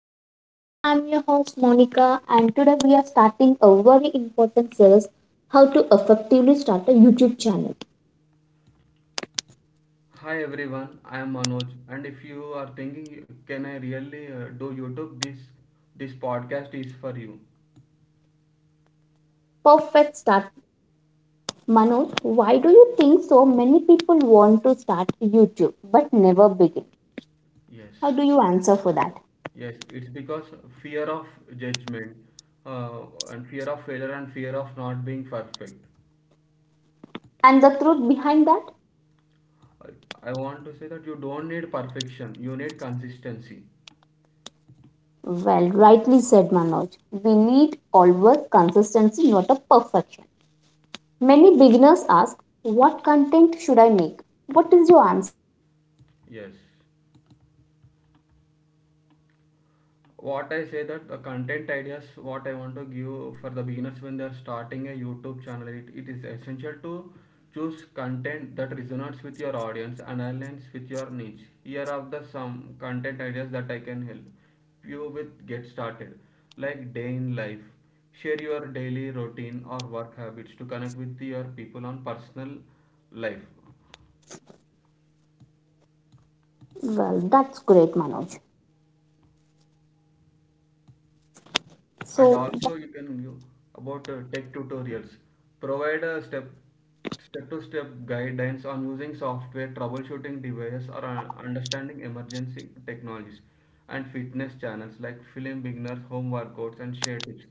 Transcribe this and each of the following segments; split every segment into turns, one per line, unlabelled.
to the podcast. I'm your host Monica, and today we are starting a very important series, how to effectively start a YouTube channel.
Hi everyone, I am Manoj, and if you are thinking, can I really do YouTube? This podcast is for you.
Perfect start. Manoj, why do you think so many people want to start YouTube but never begin?
Yes,
How do you answer for that?
yes, it's because fear of judgment, uh, and fear of failure, and fear of not being perfect.
And the truth behind that?
I, I want to say that you don't need perfection; you need consistency.
Well, rightly said Manoj. We need always consistency, not a perfection. Many beginners ask, what content should I make? What is your answer?
Yes. What I say that the content ideas what I want to give for the beginners when they are starting a YouTube channel it is essential to choose content that resonates with your audience and aligns with your niche. Here are the some content ideas that I can help you with get started, like day in life. Share your daily routine or work habits to connect with your people on personal life.
Well, that's great, Manoj.
And
So,
also about tech tutorials. Provide a step to step guidance on using software, troubleshooting devices, or understanding emergency technologies. And fitness channels like film beginners home workouts and share tips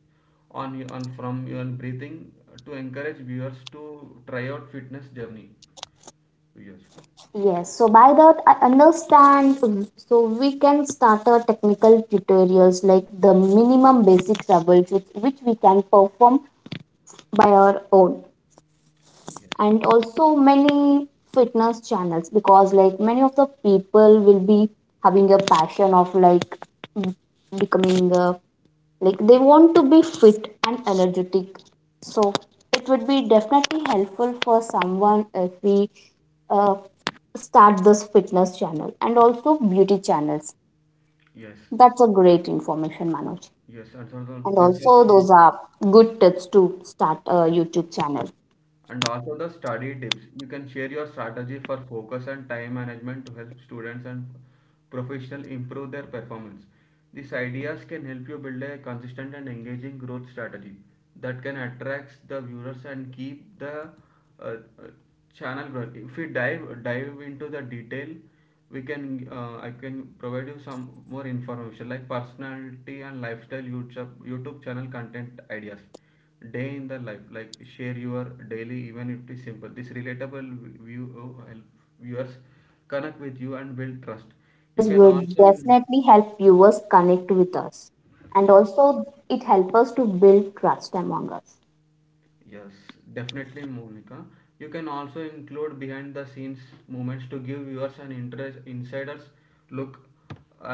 on from your breathing to encourage viewers to try out fitness journey. Yes.
yes, so by that I understand. So, we can start our technical tutorials like the minimum basic troubleshoots which we can perform by our own,
Yes.
and also many fitness channels because, like, many of the people will be having a passion of like mm, becoming a like they want to be fit and energetic, so it would be definitely helpful for someone if we uh, start this fitness channel and also beauty channels.
yes
That's a great information, Manoj.
yes, and so
And
that's
also
also good.
those are good tips to start a YouTube channel.
And also the study tips. You can share your strategy for focus and time management to help students and professionals improve their performance. These ideas can help you build a consistent and engaging growth strategy that can attract the viewers and keep the uh, uh, channel growing. If we dive into the detail, we can I can provide you some more information like personality and lifestyle YouTube channel content ideas. Day in the life, like share your daily, even if it is simple, this relatable view help viewers connect
Yes,
with you and
that
build trust.
relatable
You
videos
can
will
also in-
definitely help viewers connect with us, and
Yes.
also it helps us to build trust among us.
Yes, definitely, Monica. You can also include behind the scenes moments to give viewers an interest insiders look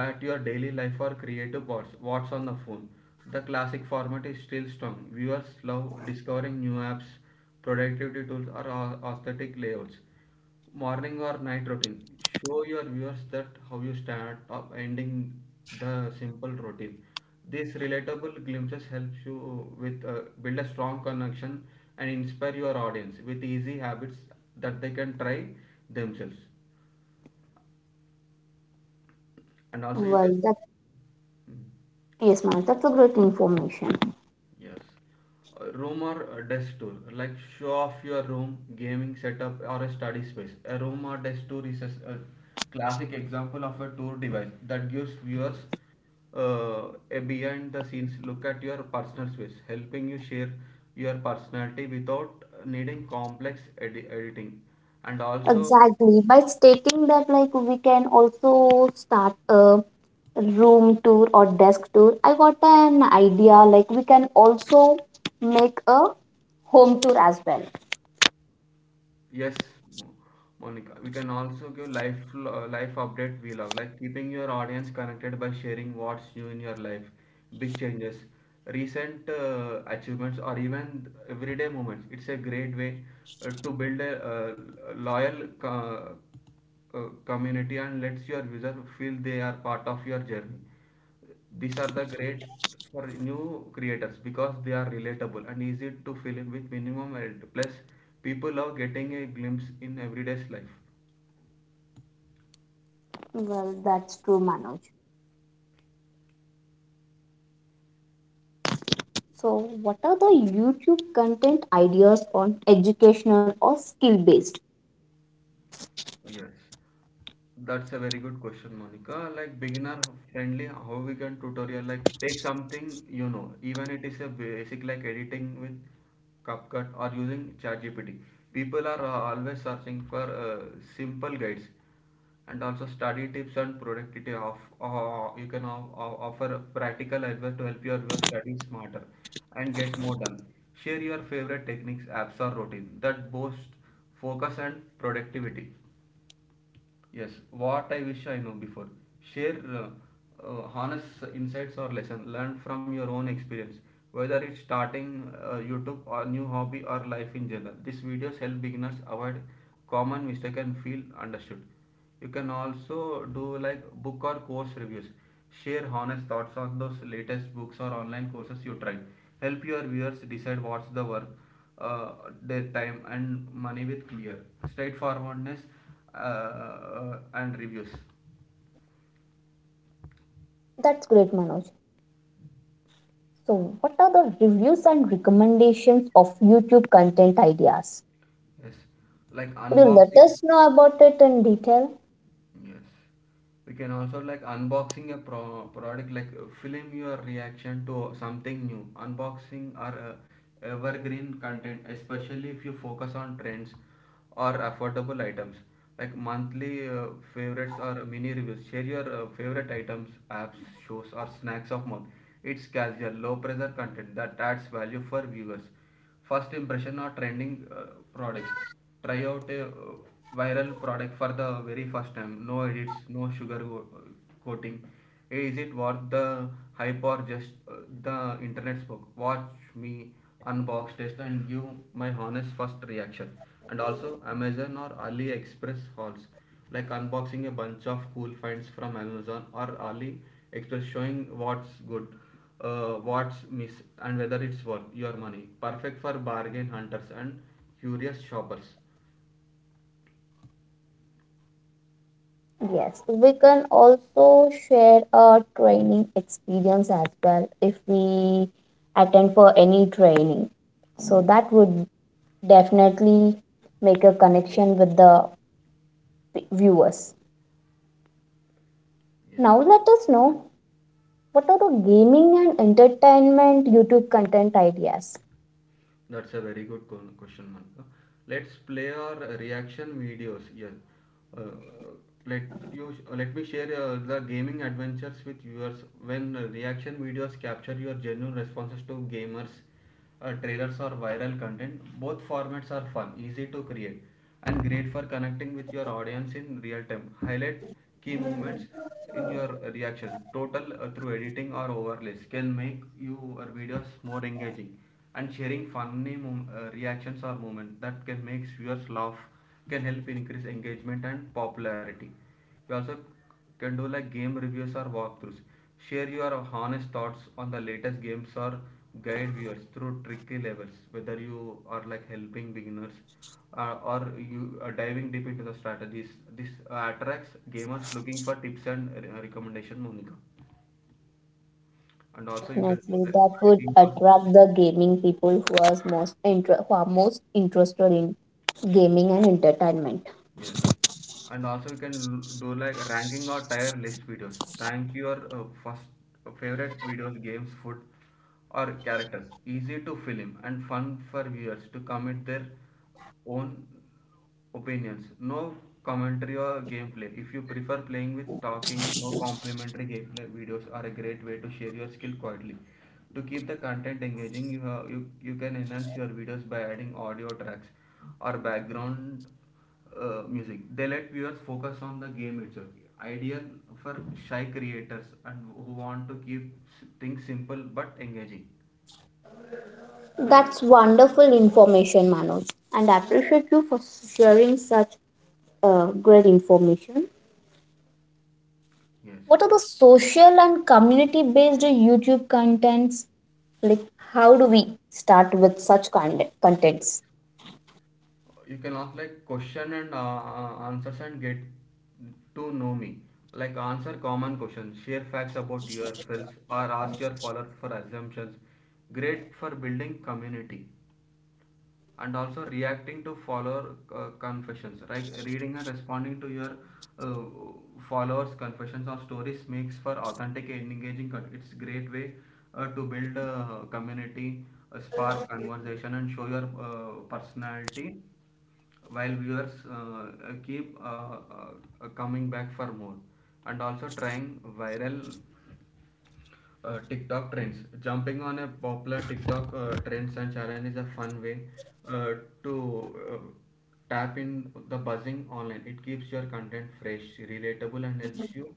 at your daily life or creative. What's on the phone, the classic format is still strong. Viewers love discovering new apps, productivity tools, or aesthetic layouts. Morning or night routine, show your viewers that how you start up ending the simple routine. These relatable glimpses helps you with build a strong connection and inspire your audience with easy habits that they can try themselves. And also you
Well
can.
that,
Mm.
yes Manoj, that's a great information.
Yes. A room or a desk tour, like show off your room, gaming setup, or a study space. A room or desk tour is a classic example of a tour device that gives viewers a behind the scenes look at your personal space, helping you share your personality without needing complex editing. And also, we.
Exactly. By stating that, like, we can also start a room tour or desk tour. I got an idea. Like, we can also make a home tour as well.
Yes, Monica. We can also give life update. We love, like keeping your audience connected by sharing what's new in your life, big changes, recent achievements, or even everyday moments. It's a great way to build a loyal uh, community and lets your user feel they are part of your journey. These are the great for new creators because they are relatable and easy to fill in with minimum edit. Plus, people love getting a glimpse in everyday's life.
Well, that's true, Manoj. So, what are the YouTube content ideas on educational or skill based?
Yes. That's a very good question, Monica. Like beginner friendly, how we can tutorial, like take something you know, even it is a basic like editing with CapCut or using ChatGPT. People are always searching for simple guides. And also study tips and productivity of you can offer practical advice to help your study smarter and get more done. Share your favorite techniques, apps, or routine that boost focus and productivity. Yes, what I wish I know before. Share honest insights or lesson learned from your own experience, whether it's starting YouTube or new hobby or life in general. These videos help beginners avoid common mistake and feel understood. You can also do like book or course reviews. Share honest thoughts on those latest books or online courses you tried. Help your viewers decide what's the worth uh, their time and money with clear straightforwardness and reviews.
That's great, Manoj. So, what are the reviews and recommendations of YouTube content ideas?
Yes, like
Could you let
unboxing.
us know about it in detail?
Yes, we can also like unboxing a product, like film your reaction to something new. Unboxing or evergreen content, especially if you focus on trends or affordable items. Like monthly favorites or mini reviews. Share your favorite items, apps, shows, or snacks of month. It's casual, low pressure content that adds value for viewers. First impression or trending products. Try out a viral product for the very first time, no edits, no sugar coating. Hey, is it worth the hype or just the internet spoke? Watch me unbox, test, and give my honest first reaction. And also Amazon or AliExpress hauls, like unboxing a bunch of cool finds from Amazon or AliExpress, showing what's good, what's miss, and whether it's worth your money. Perfect for bargain hunters and curious shoppers.
Yes, we can also share our training experience as well if we attend for any training. So that would definitely make a connection with the viewers. Now
Yes.
let us know, what are the gaming and entertainment YouTube content ideas?
That's a very good question, Monica. Let's play our reaction videos. Yes. Uh, let Let me share the gaming adventures with viewers. When reaction videos capture your genuine responses to gamers, trailers, or viral content, both formats are fun, easy to create, and great for connecting with your audience in real time. Highlight key moments in your reaction total through editing or overlays can make your videos more engaging. And sharing funny reactions or moments that can make viewers laugh can help increase engagement and popularity. You also can do like game reviews or walkthroughs. Share your honest thoughts on the latest games or guide viewers through tricky levels, whether you are like helping beginners or you diving deep into the strategies. This attracts gamers looking for tips and recommendation, Monica. And also you can do
Definitely,
the
that would
ranking or.
attract the gaming people who are who are most interested in gaming and entertainment.
Yes. And also you can do like ranking or tier list videos. Rank your first favorite videos, games, food, or characters. Easy to film and fun for viewers to commit their own opinions. No commentary or gameplay. If you prefer playing with talking, no complimentary gameplay videos are a great way to share your skill quietly. To keep the content engaging, you can enhance your videos by adding audio tracks or background music. They let viewers focus on the game itself. Ideal for shy creators and who want to keep things simple but engaging.
That's wonderful information, Manoj, and I appreciate you for sharing such great information.
Yes,
What are the social and community based YouTube contents? Like, how do we start with such kind contents?
you can ask like question and answers and get to know me. Like answer common questions, share facts about yourselves, or ask your followers for assumptions. Great for building community. And also reacting to follower confessions, like reading and responding to your uh, followers confessions or stories makes for authentic and engaging content. It's great way to build a community, spark conversation, and show your personality while viewers keep coming back for more. And also trying viral TikTok trends. Jumping on a popular TikTok trends and challenge is a fun way uh, to uh, tap in the buzzing online. It keeps your content fresh, relatable, and helps you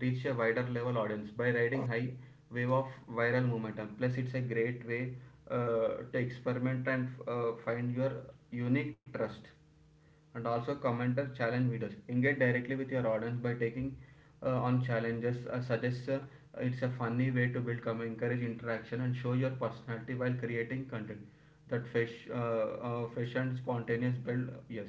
reach a wider level audience by riding high wave of viral momentum. Plus, it's a great way to experiment and find
Yes,
your
Manoj,
unique
that
trust.
would be a
And also
wonderful
commenter
idea.
challenge videos engage directly with your audience by taking on challenges suggests. It's a funny way to build come encourage interaction and show your personality while creating content that fresh, fish and spontaneous build. Yes.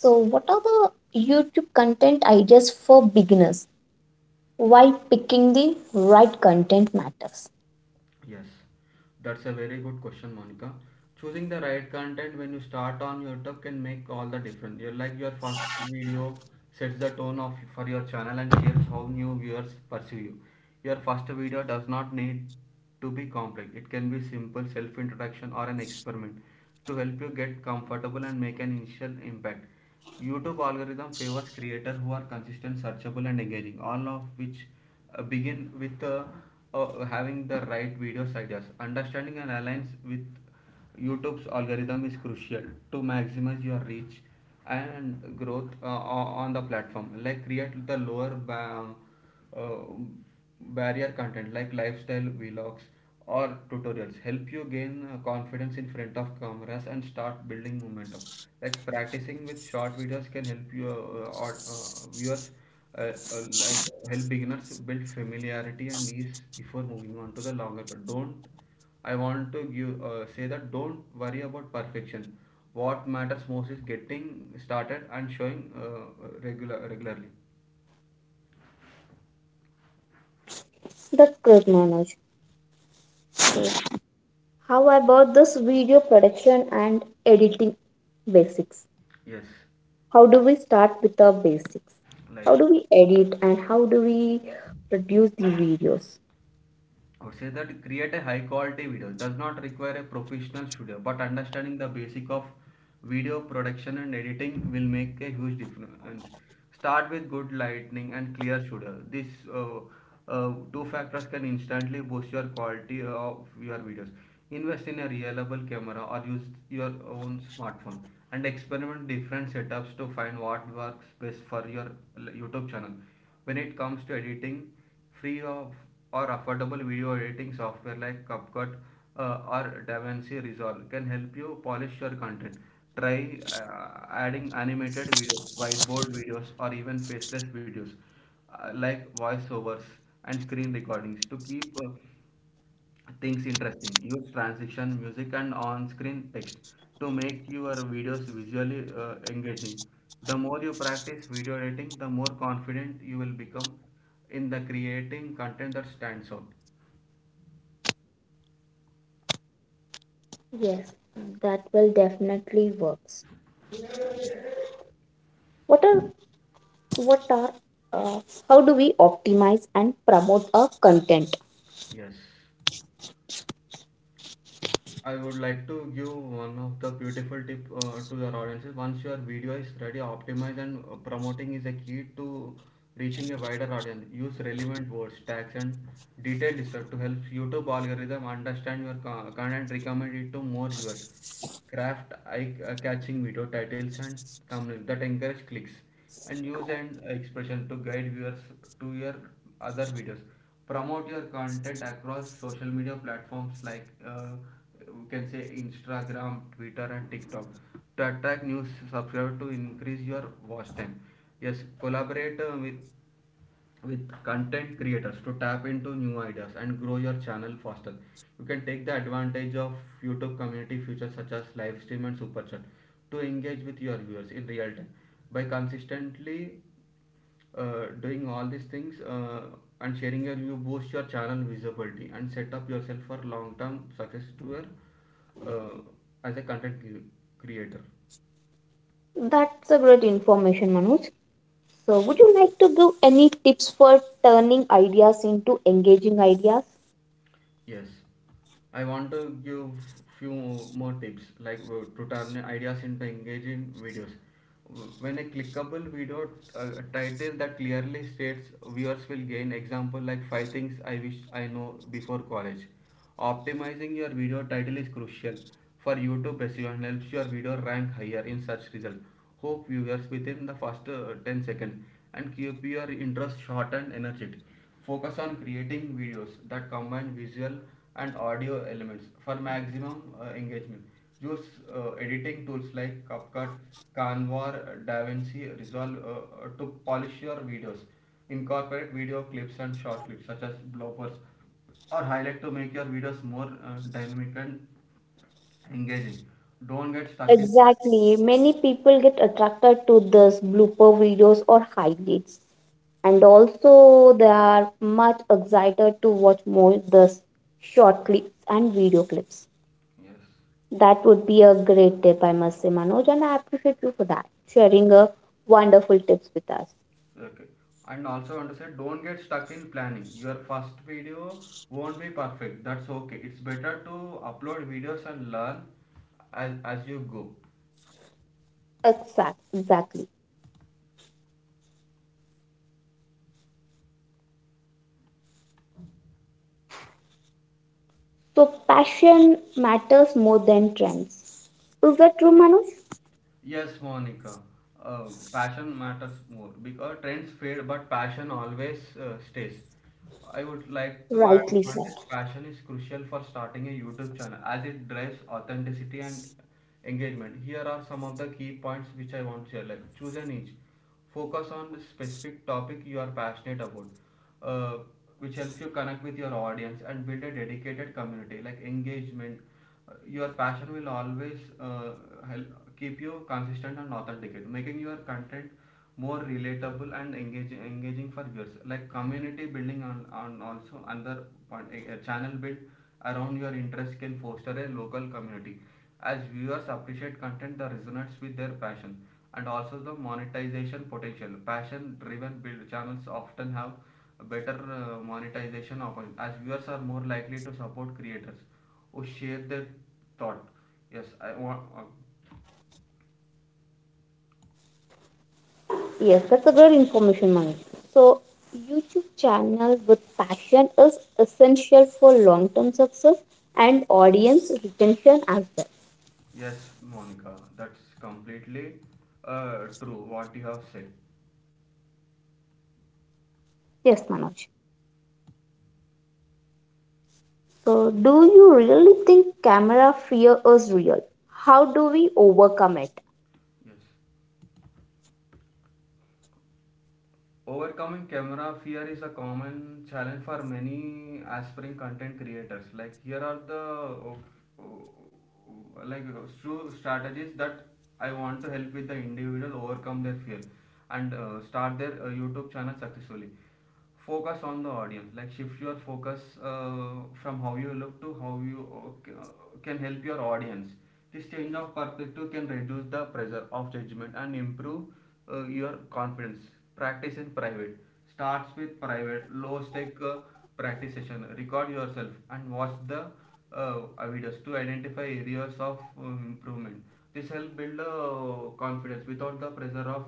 So, what are the YouTube content ideas for beginners? Why picking the right content matters?
Yes, that's a very good question, Monica. Choosing the right content when you start on YouTube can make all the difference. You like your first video sets the tone of for your channel and shapes how new viewers perceive you. Your first video does not need to be complex. It can be simple self introduction or an experiment to help you get comfortable and make an initial impact. YouTube algorithm favors creators who are consistent, searchable, and engaging, all of which begin with having the right videos ideas. Understanding and aligns with YouTube's algorithm is crucial to maximize your reach and growth on the platform. Like create the lower uh, barrier content like lifestyle vlogs or tutorials. Help you gain confidence in front of cameras and start building momentum. Like practicing with short videos can help you or viewers like help beginners build familiarity and ease before moving on to the longer. But don't, I want to give, say that don't worry about perfection. What matters most is getting started and showing regularly.
That's great, Manoj. How about this video production and editing basics?
Yes,
How do we start with the basics? How
like
do we edit and how do we produce the videos?
I would say that create a high quality video. It does not require a professional studio, but understanding the basic of video production and editing will make a huge difference. Start with good lighting and clear studio. These two factors can instantly boost your quality of your videos. Invest in a reliable camera or use your own smartphone and experiment different setups to find what works best for your YouTube channel. When it comes to editing, free of or affordable video editing software like CapCut or DaVinci Resolve can help you polish your content. Try adding animated videos, whiteboard videos, or even faceless videos like voiceovers and screen recordings to keep things interesting. Use transition, music, and on screen text to make your videos visually engaging. The more you practice video editing, the more confident you will become in the creating content that stands out.
Yes, that will definitely works. What are what are uh, how do we optimize and promote our content?
Yes, I would like to give one of the beautiful tip to your audiences. Once your video is ready, optimize and promoting is a key to reaching a wider audience. Use relevant words, tags, and detailed stuff to help YouTube algorithm understand your content, recommend it to more viewers. Craft eye-catching video titles and thumbnails that encourage clicks, and use an expression to guide viewers to your other videos. Promote your content across social media platforms like. We can say Instagram, Twitter, and TikTok to attract new subscribers to increase your watch time. Yes, collaborate with content creators to tap into new ideas and grow your channel faster. You can take the advantage of YouTube community features such as live stream and super chat to engage with your viewers in real time. By consistently doing all these things and sharing your you boost your channel visibility and set up yourself for long term success to your uh, as a content creator.
That's a great information, Manoj. So, would you like to give any tips for turning ideas into engaging ideas?
Yes, I want to give few more tips like to turn ideas into engaging videos. When a clickable video title that clearly states viewers will gain example like five things I wish I know before college. Optimizing your video title is crucial for YouTube SEO and helps your video rank higher in search results. Hook viewers within the first 10 seconds and keep your interest short and energetic. Focus on creating videos that combine visual and audio elements for maximum engagement. Use editing tools like CapCut, Canva, DaVinci Resolve to polish your videos. Incorporate video clips and short clips such as bloopers or highlight to make your videos more dynamic and engaging. Don't get stuck in planning.
Exactly. Many people get attracted to this blooper videos or highlights, and also they are much excited to watch more this short clips and video clips.
Yes.
That would be a great tip, I must say, Manoj, and I appreciate you for that, sharing a wonderful tips with us.
Okay. And also I want to say don't get stuck in planning. Your first video won't be perfect. That's okay. It's better to upload videos and learn as you go.
Exactly. So passion matters more than trends. Is that true, Manoj?
Yes, Monica. Uh, Passion matters more because trends fade, but passion always stays. I would like to add a
Rightly
point
said.
that passion is crucial for starting a YouTube channel as it drives authenticity and engagement. Here are some of the key points which I want to share. Like choose a niche, focus on the specific topic you are passionate about, uh, which helps you connect with your audience and build a dedicated community. Like engagement, your passion will always help keep you consistent and authentic, making your content more relatable and engaging for viewers. Like community building on also another point, a channel built around your interest can foster a local community. As viewers appreciate content that resonates with their passion and also the monetization potential. Passion driven build channels often have better monetization options as viewers are more likely to support creators who share their thought. Yes, I want
Yes, that's a good information, Mani. So, YouTube channel with passion is essential for long-term success and audience retention as well.
Yes, Monica, that's completely true what you have said.
Yes, Manoj. So, do you really think camera fear is real? How do we overcome it?
Yes. Overcoming camera fear is a common challenge for many aspiring content creators. Like, here are the few strategies that I want to help with the individual overcome their fear and start their YouTube channel successfully. Focus on the audience, like shift your focus from how you look to how you uh, can help your audience. This change of perspective can reduce the pressure of judgment and improve your confidence. Practice in private, starts with private low stake practice session. Record yourself and watch the uh, videos to identify areas of improvement. This help build confidence without the pressure of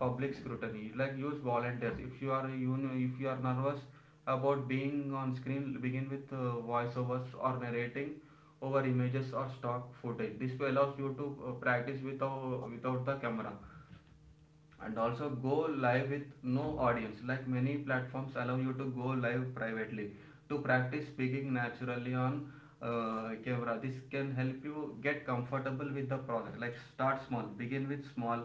public scrutiny. Like use volunteers, if you are, you know, if you are nervous about being on screen, begin with voiceovers or narrating over images or stock footage. This will allows you to practice without the camera. And also go live with no audience. Like many platforms allow you to go live privately to practice speaking naturally on camera. This can help you get comfortable with the process. Like start small, begin with small,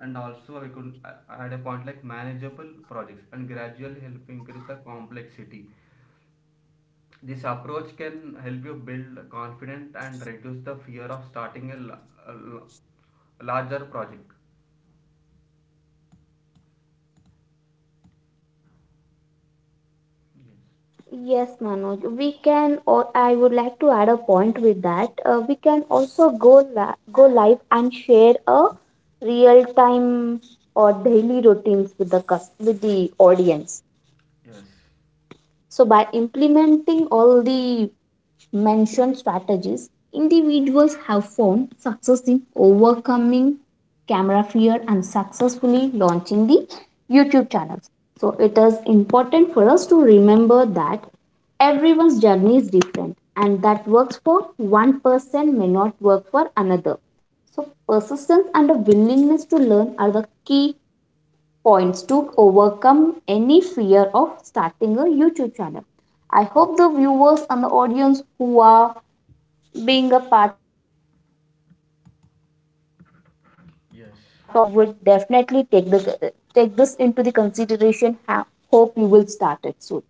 and also I could add a point like manageable projects and gradually help increase the complexity. This approach can help you build confidence and reduce the fear of starting a larger project. Yes.
Yes, Manoj. We can. Or I would like to add a point with that. We can also go live and share a real time or daily routines with the with the audience. So, by implementing all the mentioned strategies, individuals have found success in overcoming camera fear and successfully launching the YouTube channels. So, it is important for us to remember that everyone's journey is different and that works for one person may not work for another. So, persistence and a willingness to learn are the key points to overcome any fear of starting a YouTube channel. I hope the viewers and the audience who are being a part of it or also listening to this
Yes, yes.
conversation would definitely take this into the consideration. Hope you will start it soon.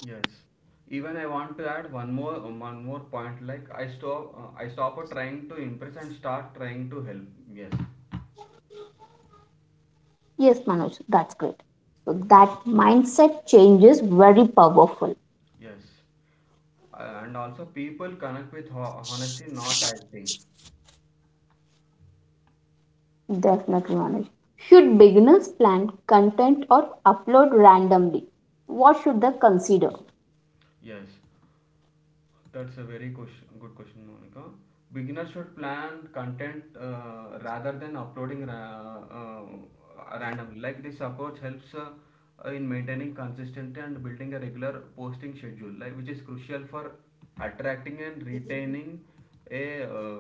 Yes. Even I want to add one more point. Like I stop trying to impress and start trying to help. Yes.
Yes, Manoj, that's great. So that mindset change is very powerful.
Yes. And also people connect with honesty, not acting.
Definitely, Manoj. Should beginners plan content or upload randomly? What should they consider?
Yes. That's a good question, Monica. Beginners should plan content rather than uploading randomly. Like this approach helps in maintaining consistency and building a regular posting schedule, like which is crucial for attracting and retaining a uh,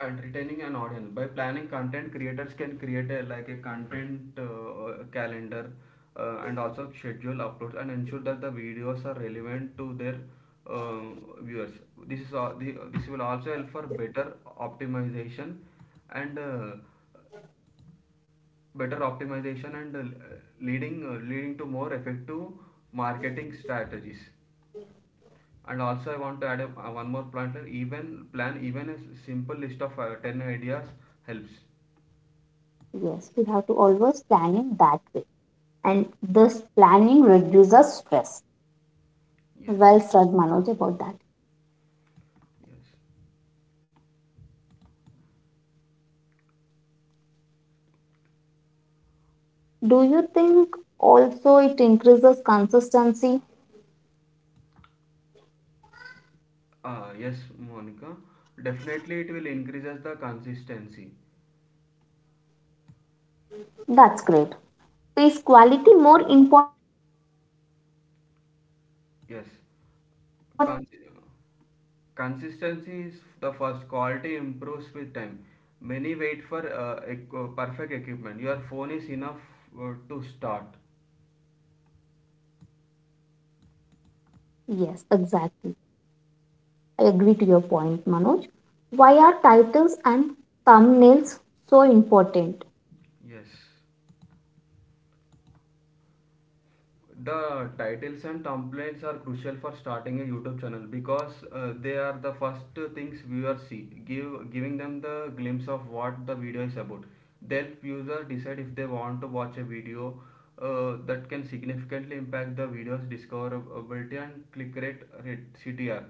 an audience. By planning, content creators can create a, like a content calendar and also schedule uploads and ensure that the videos are relevant to their viewers. This is all, the, This will also help for better optimization and uh, and leading to more effective marketing strategies. And also I want to add a one more point here. Even plan, even a simple list of 10 ideas helps.
Yes, we have to always plan in that way. And this planning reduces stress. Well
Yes,
said, Manoj, about that.
yes.
Do you think also it increases consistency?
Yes, Monica. Definitely, it will increases the consistency.
That's great. Is quality more important or consistency?
Yes.
Oh,
Cons Consistency is the first. Quality improves with time. Many wait for perfect equipment. Your phone is enough to start.
yes, exactly. I agree to your point, Manoj. Why are titles and thumbnails so important?
Yes. The titles and templates are crucial for starting a YouTube channel because they are the first things viewers see, give giving them the glimpse of what the video is about. Help user decide if they want to watch a video that can significantly impact the video's discoverability and click rate, CTR.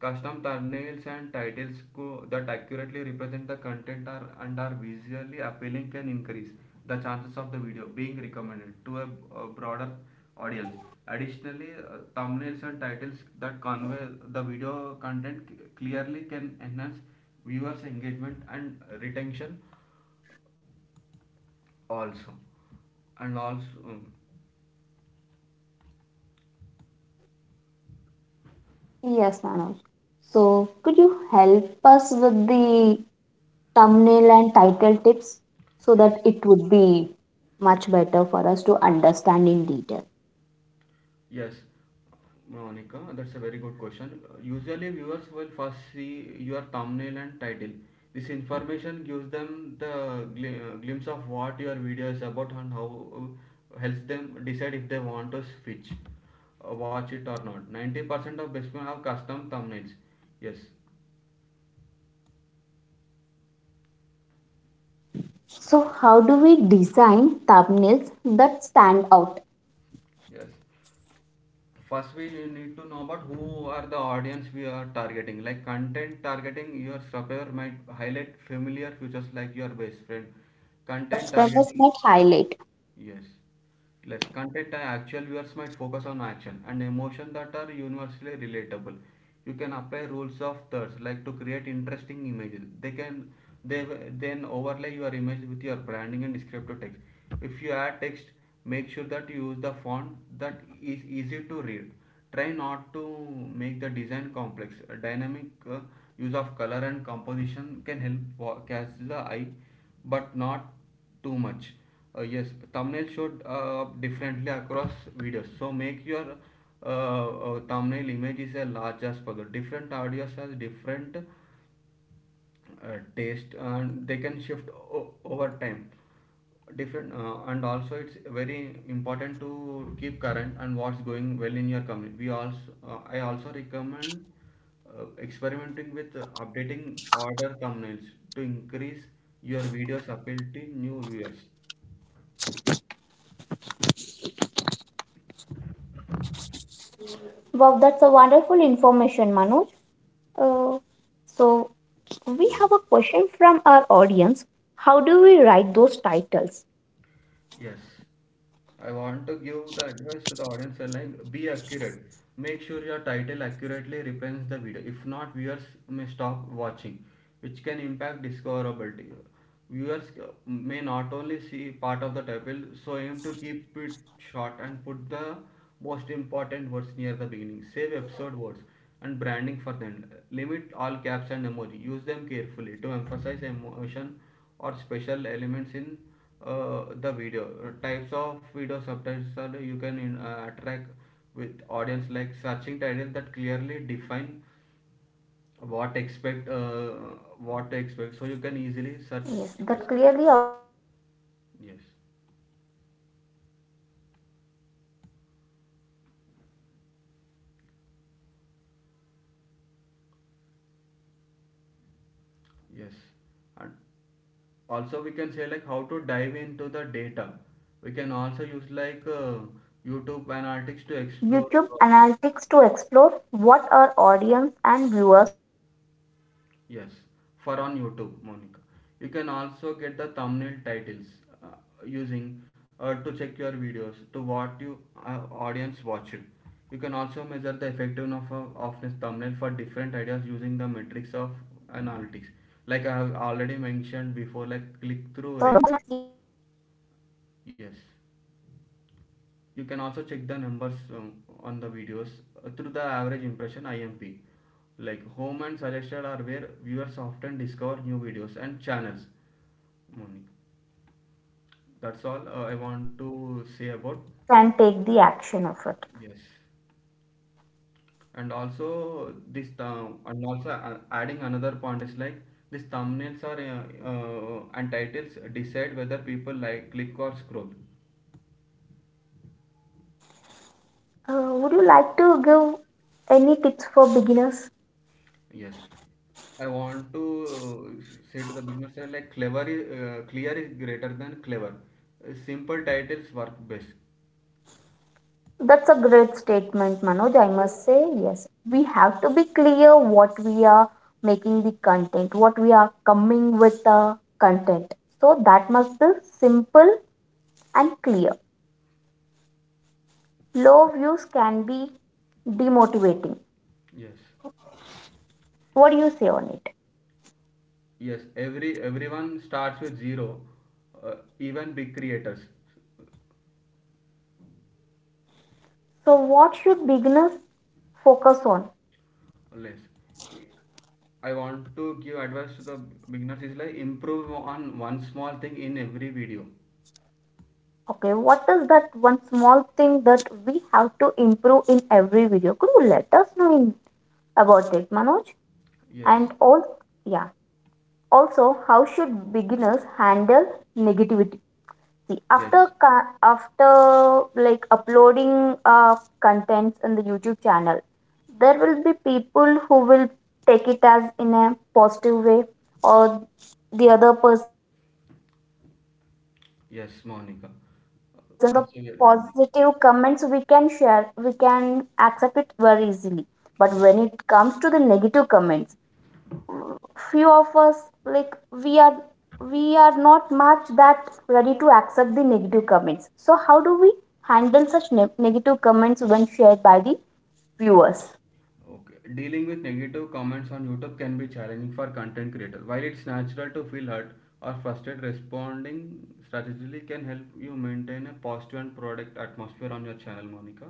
Custom thumbnails and titles that accurately represent the content are and are visually appealing can increase the chances of the video being recommended to a broader audience. Additionally, thumbnails and titles that convey the video content clearly can enhance viewers' engagement and retention also and also
Yes, Manoj. So, could you help us with the thumbnail and title tips so that
yes.
it would be much better for us to understand in detail?
Yes, Monica, that's a very good question. Usually viewers will first see your thumbnail and title. This information gives them the glimpse of what your video is about and how helps them decide if they want to switch watch it or not. 90% of basement have custom thumbnails. Yes.
So, how do we design thumbnails that stand out?
Yes, first we need to know about who are the audience we are targeting, like content targeting your subscriber might highlight familiar features
Yes.
like your best friend.
Content targeting
Content
subscribers
targeting.
might highlight.
Yes. Less content and actual viewers might focus on action and emotion that are universally relatable. You can apply rules of thirds like to create interesting images. They can they w- Then overlay your image with your branding and descriptive text. If you add text, make sure that you use the font that is easy to read. Try not to make the design complex. A dynamic use of color and composition can help catch the eye, but not too much. Yes, thumbnail should up differently across videos. So make your thumbnail image is as large as possible. Different audios has different taste and they can shift over time. Different And also it's very important to keep current and what's going well in your company. We also I also recommend experimenting with updating order thumbnails to increase your video's appeal to new viewers.
Wow, that's a wonderful information, Manoj. Uh, so, we have a question from our audience. How do we write those titles?
Yes, I want to give the advice to the audience like be accurate. Make sure your title accurately represents the video. If not, viewers may stop watching, which can impact discoverability. Viewers may not only see part of the title, so aim to keep it short and put the most important words near the beginning. Save episode words and branding for them. Limit all caps and emoji. Use them carefully to emphasize emotion or special elements in the video. Types of video subtitles are you can attract with audience, like searching titles that clearly define what expect uh, what to expect so you can easily search.
Yes,
Yes.
that clearly outline what to
Yes.
expect so we can easily reach viewers. Let's dive deep into the data.
Yes, and also we can say like how to dive into the data. We can also use like
Yes,
YouTube
Manoj.
analytics to explore.
YouTube analytics to explore what our audience and viewers are searching for on YouTube.
Yes, for on
So
YouTube,
by
Monica.
focusing
You can
on
also
it,
get the
we
thumbnail
can,
titles uh,
yes,
using to check your videos to what you audience watched. You can also measure the effectiveness of a thumbnail for different ideas using the metrics of analytics. Like I have already mentioned before, like click through rate. Yes. You can also check the numbers on the videos through the average
we
impression
can also
IMP.
check those
Like
numbers on
home and
videos
suggested are
that have
where
above
viewers often
average
discover new
impressions.
videos and channels.
Home and suggested are where
That's all
viewers
I want to say about.
can take the action of it.
Yes. And also and also adding another point is like these thumbnails are and titles decide whether people like click or scroll.
Would you like to give any tips for beginners?
Yes, I want to say to the business side like clever is clear is greater than clever. Simple titles work best.
That's a great statement, Manoj. I must say, yes. We have to be clear what we are making the content, what we are coming with the content. So that must be simple and clear. Low views can be demotivating.
Yes,
What do you say on it?
yes. Everyone starts with zero, even big creators
So, what should beginners focus on?
less. I want to give advice to the beginners is like improve on one small thing in every video.
Okay, what is that one small thing that we have to improve in every video? Could you let us know in, about it, Manoj?
Yes,
And all, yeah. Also, how should beginners handle negativity?
yes,
After like uploading contents in the YouTube channel, there will be people who will take it as in a positive way, or the other persons will take it in a negative way.
yes,
So the
Monica.
positive
Uh,
feedbacks or the
Persevering.
positive comments we can share, we can accept it very easily. But
Yes.
when it comes to the negative comments, few of us, like we are not much that ready to accept the negative comments. So how do we handle such negative comments when shared by the viewers?
Okay. Dealing with negative comments on YouTube can be challenging for content creators. While it's natural to feel hurt or frustrated, responding strategically can help you maintain a positive and product atmosphere on your channel, Monica.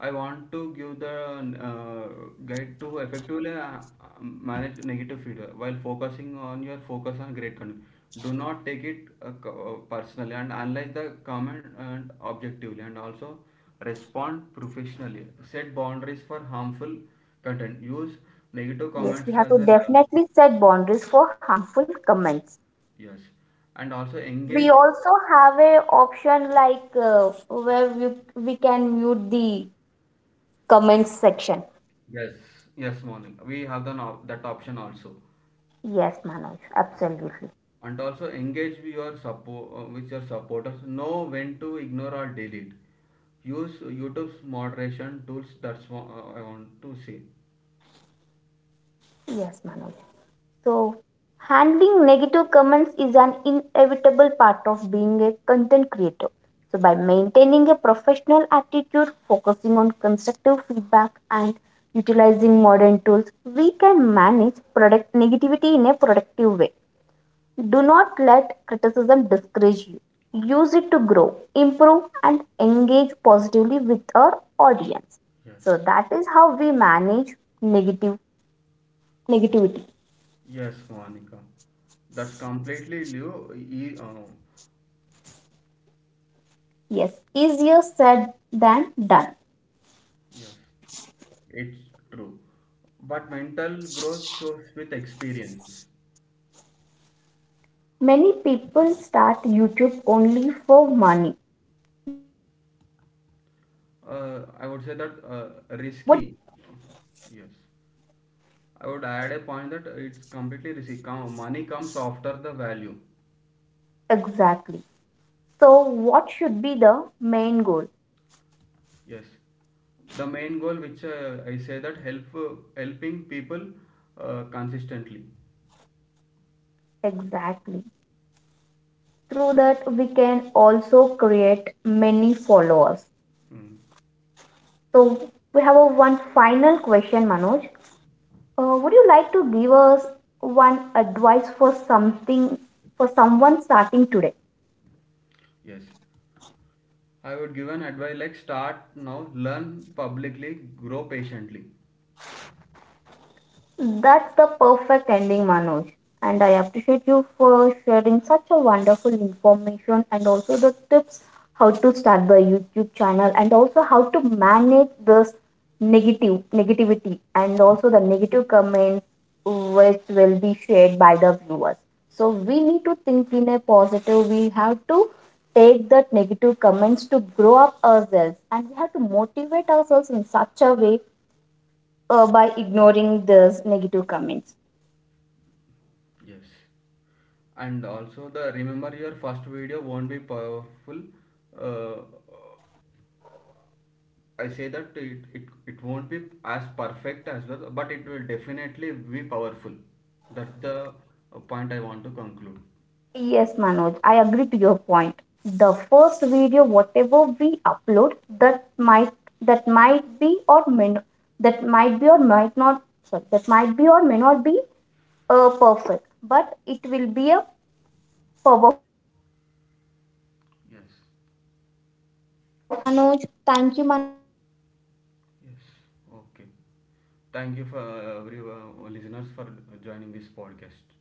I want to give the guide to effectively manage negative feedback while focus on great content. Do not take it personally and analyze the comment and objectively and also respond professionally. Set boundaries for harmful content. Use negative
Yes, we
comments
have
as
to
a learning tool.
definitely set boundaries for harmful comments.
Yes, and also
We
engage.
also have a option like where we can mute the comments section.
Yes, yes, morning. We have the, that option also.
Yes Manoj, absolutely.
And also engage with your supporters. Know when to ignore or delete. Use YouTube's moderation tools. That's what I want to say.
Yes Manoj. So, handling negative comments is an inevitable part of being a content creator. So, by maintaining a professional attitude, focusing on constructive feedback, and utilizing modern tools, we can manage product negativity in a productive way. Do not let criticism discourage you. Use it to grow, improve, and engage positively with our audience.
Yes.
So, that is how we manage negative negativity.
Yes, Monica, that's completely
Yes, easier said than done.
yes, it's true, but mental growth shows with experience.
Many people start YouTube only for money. What would you say? What would you like to say on it?
I would say that risky. Yes, I would add a point that it's completely risky. Money comes after the value.
Exactly. So, what should be the main goal?
Yes, the main goal which I say that helping people consistently.
Exactly. Through that, we can also create many followers.
Mm.
So, we have a one final question, Manoj. Would you like to give us one advice for something for someone starting today?
Yes, I would give an advice like start now, learn publicly, grow patiently.
That's the perfect ending, Manoj. And I appreciate you for sharing such a wonderful information and also the tips how to start the YouTube channel and also how to manage this negative negativity and also the negative comments which will be shared by the viewers. So we need to think in a positive. We have to take that negative comments to grow up ourselves and we have to motivate ourselves in such a way by ignoring those negative comments.
Yes, and also the remember your first video won't be powerful. Uh, I say that it won't be as perfect as well, but it will definitely be powerful. That's the point I want to conclude.
Yes, Manoj, I agree to your point. The first video, whatever we upload, that might that might be or may not, that might be or might not, sorry, that might be or may not be perfect, but it will be a powerful definitely.
Yes.
That's all from our end, Manoj. Thank you, Manoj, and thank you, audience.
Yes.
Signing off.
Okay.
This is your host,
Thank
Monica.
you for every listeners for
Yeah.
joining this podcast.